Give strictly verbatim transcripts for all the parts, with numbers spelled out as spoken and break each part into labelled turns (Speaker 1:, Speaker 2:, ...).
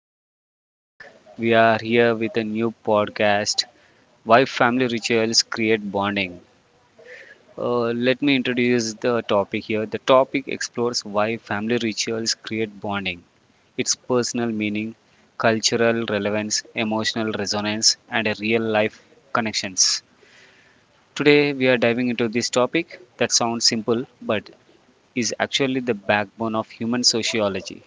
Speaker 1: welcome back. We are here with a new podcast, Why Family Rituals Create Bonding. Uh, let me introduce the topic here. The topic explores why family rituals create bonding, its personal meaning, cultural relevance, emotional resonance, and real life connections. Today, we are diving into this topic that sounds simple but is actually the backbone of human sociology.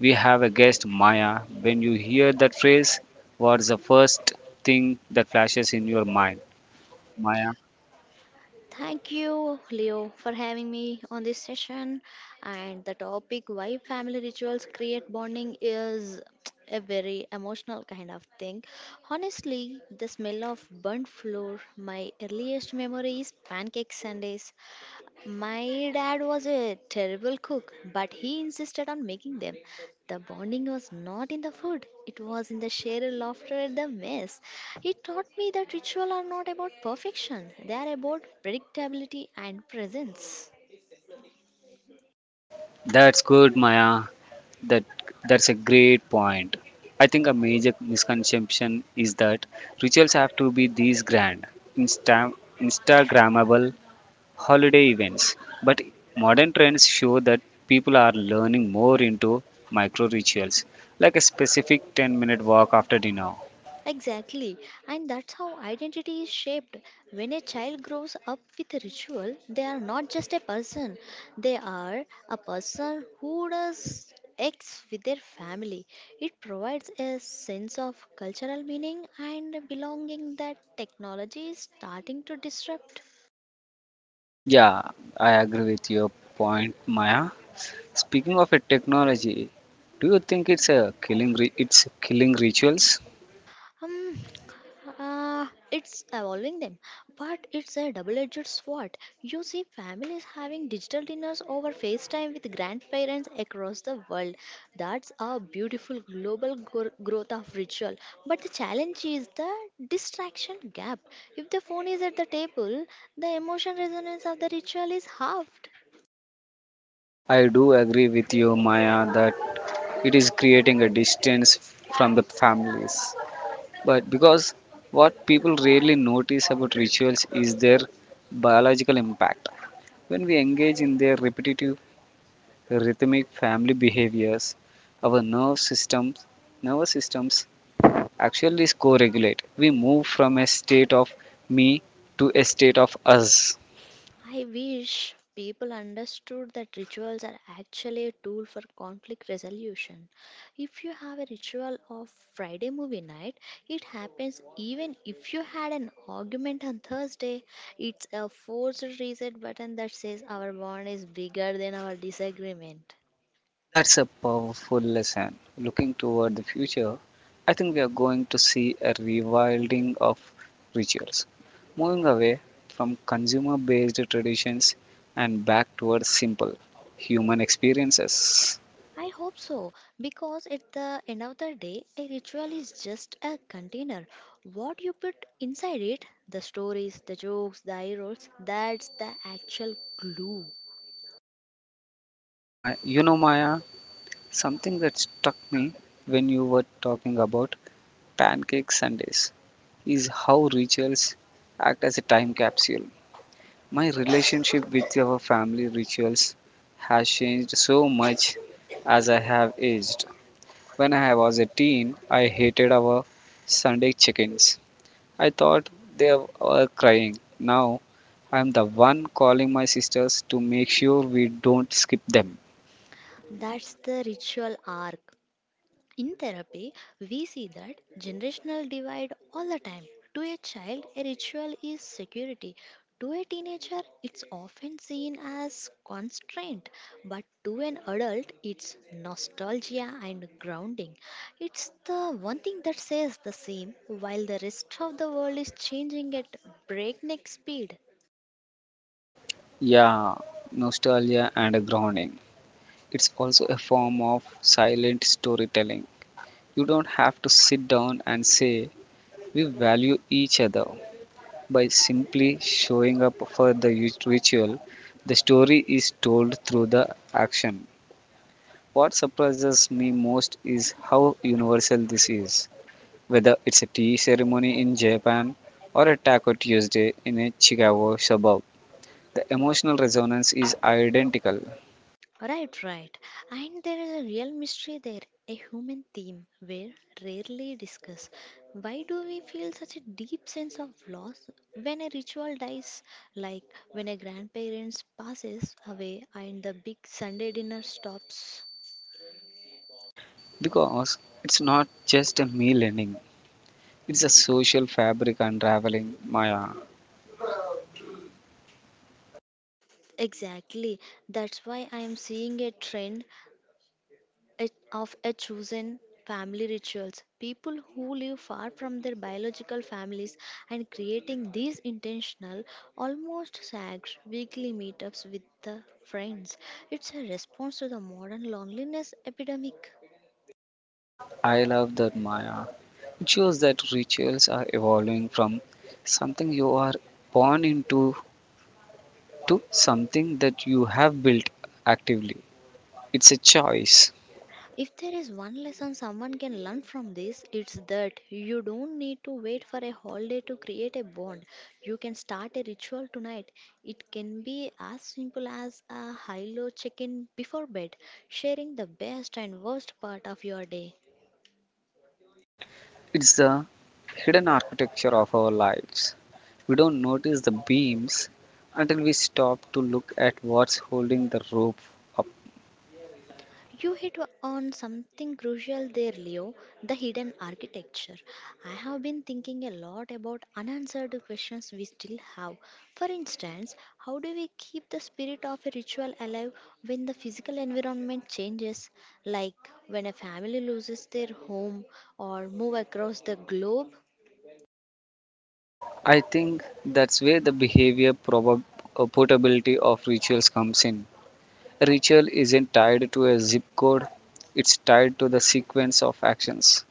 Speaker 1: We have a guest, Maya. When you hear that phrase, what's the first thing that flashes in your mind? Maya.
Speaker 2: Thank you, Leo, for having me on this session. And the topic why family rituals create bonding is a very emotional kind of thing. Honestly, the smell of burnt floor, my earliest memory is pancake Sundays. My dad was a terrible cook, but he insisted on making them. The bonding was not in the food, it was in the shared laughter at the mess. He taught me that ritual are not about perfection, they are about predictability and presence.
Speaker 1: That's good, Maya. That that's a great point. I think a major misconception is that rituals have to be these grand, insta- Instagrammable holiday events. But modern trends show that people are learning more into micro rituals, like a specific ten minute walk after dinner.
Speaker 2: Exactly, and that's how identity is shaped. When a child grows up with a ritual, they are not just a person, they are a person who does X with their family. It provides a sense of cultural meaning and belonging that technology is starting to disrupt.
Speaker 1: Yeah, I agree with your point, Maya. Speaking of a technology, do you think it's a killing ri- it's killing rituals?
Speaker 2: Um, uh, it's evolving them, but it's a double-edged sword. You see families having digital dinners over FaceTime with grandparents across the world. That's a beautiful global gro- growth of ritual. But the challenge is the distraction gap. If the phone is at the table, the emotion resonance of the ritual is halved.
Speaker 1: I do agree with you, Maya, that it is creating a distance from the families. But because what people rarely notice about rituals is their biological impact. When we engage in their repetitive rhythmic family behaviors, our nerve systems nervous systems actually is co-regulate. We move from a state of me to a state of us.
Speaker 2: I wish people understood that rituals are actually a tool for conflict resolution. If you have a ritual of Friday movie night, it happens even if you had an argument on Thursday. It's a forced reset button that says our bond is bigger than our disagreement.
Speaker 1: That's a powerful lesson. Looking toward the future, I think we are going to see a rewilding of rituals, moving away from consumer based traditions and back towards simple human experiences.
Speaker 2: I hope so, because at the end of the day, a ritual is just a container. What you put inside it, the stories, the jokes, the eye rolls, that's the actual glue.
Speaker 1: Oh my, you know, Maya, something that struck me when you were talking about Pancake Sundays is how rituals act as a time capsule. My relationship with our family rituals has changed so much as I have aged. When I was a teen, I hated our Sunday chickens. I thought they were crying. Now I am the one calling my sisters to make sure we don't skip them.
Speaker 2: That's the ritual arc. In therapy, we see that generational divide all the time. To a child, a ritual is security. To a teenager, it's often seen as constraint, but to an adult, it's nostalgia and grounding. It's the one thing that says the same while the rest of the world is changing at breakneck speed.
Speaker 1: Yeah, nostalgia and grounding. It's also a form of silent storytelling. You don't have to sit down and say, "We value each other." By simply showing up for the ut- ritual, the story is told through the action. What surprises me most is how universal this is. Whether it's a tea ceremony in Japan or a Taco Tuesday in a Chicago suburb, the emotional resonance is identical.
Speaker 2: Right, right. And there is a real mystery there, a human theme we rarely discuss. Why do we feel such a deep sense of loss when a ritual dies, like when a grandparents passes away and the big Sunday dinner stops?
Speaker 1: Because it's not just a meal ending, it's a social fabric unraveling, Maya.
Speaker 2: Exactly. That's why I am seeing a trend a- of a chosen family rituals, people who live far from their biological families and creating these intentional almost sagged weekly meetups with the friends. It's a response to the modern loneliness epidemic.
Speaker 1: I love that, Maya. It shows that rituals are evolving from something you are born into to something that you have built actively. It's a choice.
Speaker 2: If there is one lesson someone can learn from this, it's that you don't need to wait for a holiday to create a bond. You can start a ritual tonight. It can be as simple as a high low check in before bed, sharing the best and worst part of your day.
Speaker 1: It's the hidden architecture of our lives. We don't notice the beams until we stop to look at what's holding the rope up.
Speaker 2: You hit on something crucial there, Leo, the hidden architecture. I have been thinking a lot about unanswered questions we still have. For instance, how do we keep the spirit of a ritual alive when the physical environment changes, like when a family loses their home or move across the globe?
Speaker 1: I think that's where the behavior probab- uh, portability of rituals comes in. Ritual isn't tied to a zip code, it's tied to the sequence of actions.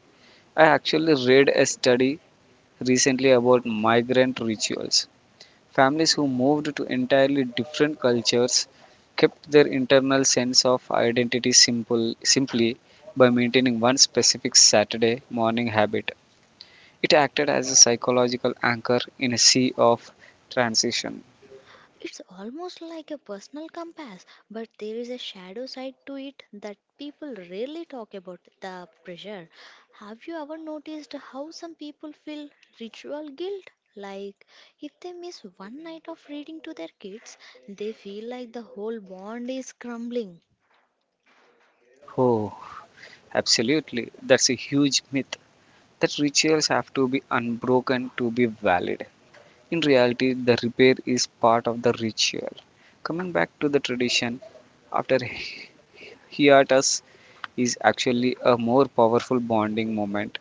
Speaker 1: I actually read a study recently about migrant rituals. Families who moved to entirely different cultures kept their internal sense of identity simple simply by maintaining one specific Saturday morning habit. It acted as a psychological anchor in a sea of transition.
Speaker 2: It's almost like a personal compass, but there is a shadow side to it that people rarely talk about, the pressure. Have you ever noticed how some people feel ritual guilt? Like, if they miss one night of reading to their kids, they feel like the whole bond is crumbling.
Speaker 1: Oh, absolutely. That's a huge myth, that rituals have to be unbroken to be valid. In reality, the repair is part of the ritual. Coming back to the tradition, after hiatus, is actually a more powerful bonding moment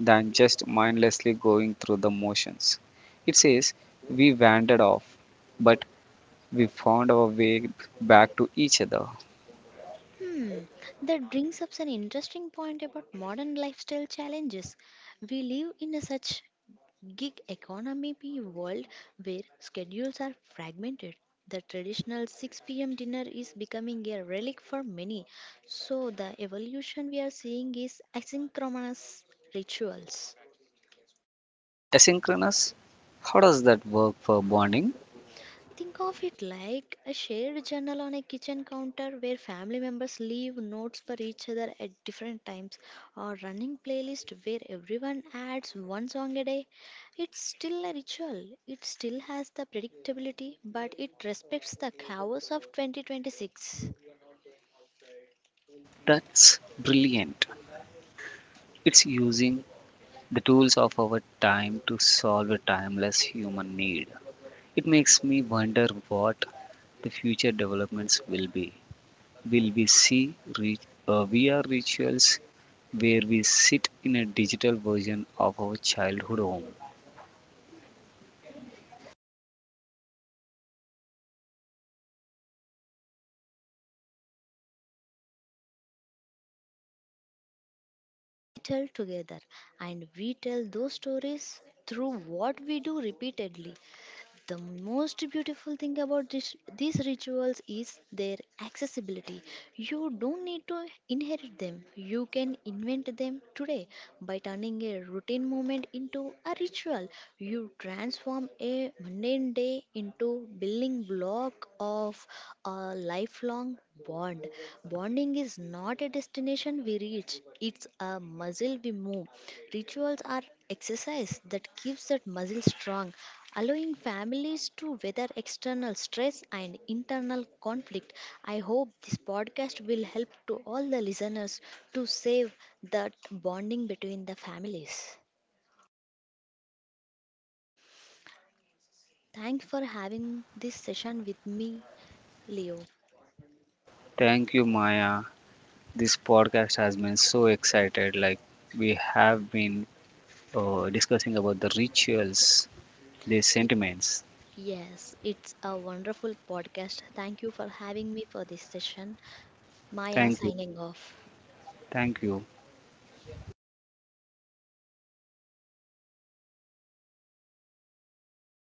Speaker 1: than just mindlessly going through the motions. It says, "We wandered off, but we found our way back to each other."
Speaker 2: Hmm, that brings up an interesting point about modern lifestyle challenges. We live in a such gig economy be world where schedules are fragmented. The traditional six p m dinner is becoming a relic for many. So the evolution we are seeing is asynchronous rituals.
Speaker 1: Asynchronous, how does that work for bonding?
Speaker 2: Think of it like a shared journal on a kitchen counter where family members leave notes for each other at different times, or running playlist where everyone adds one song a day. It's still a ritual. It still has the predictability but it respects the chaos of twenty twenty-six.
Speaker 1: That's brilliant. It's using the tools of our time to solve a timeless human need. It makes me wonder what the future developments will be. Will we see re- uh, V R rituals where we sit in a digital version of our childhood home?
Speaker 2: We tell together and we tell those stories through what we do repeatedly. The most beautiful thing about this, these rituals is their accessibility. You don't need to inherit them. You can invent them today by turning a routine moment into a ritual. You transform a mundane day into building block of a lifelong bond. Bonding is not a destination we reach; it's a muscle we move. Rituals are exercise that keeps that muscle strong, allowing families to weather external stress and internal conflict. I hope this podcast will help to all the listeners to save that bonding between the families. Thanks for having this session with me, Leo.
Speaker 1: Thank you, Maya. This podcast has been so excited. Like we have been uh, discussing about the rituals, their
Speaker 2: Y-
Speaker 1: sentiments.
Speaker 2: Yes, it's a wonderful podcast. Thank you for having me for this session. Maya
Speaker 1: Thank you.
Speaker 2: signing off.
Speaker 1: Thank you.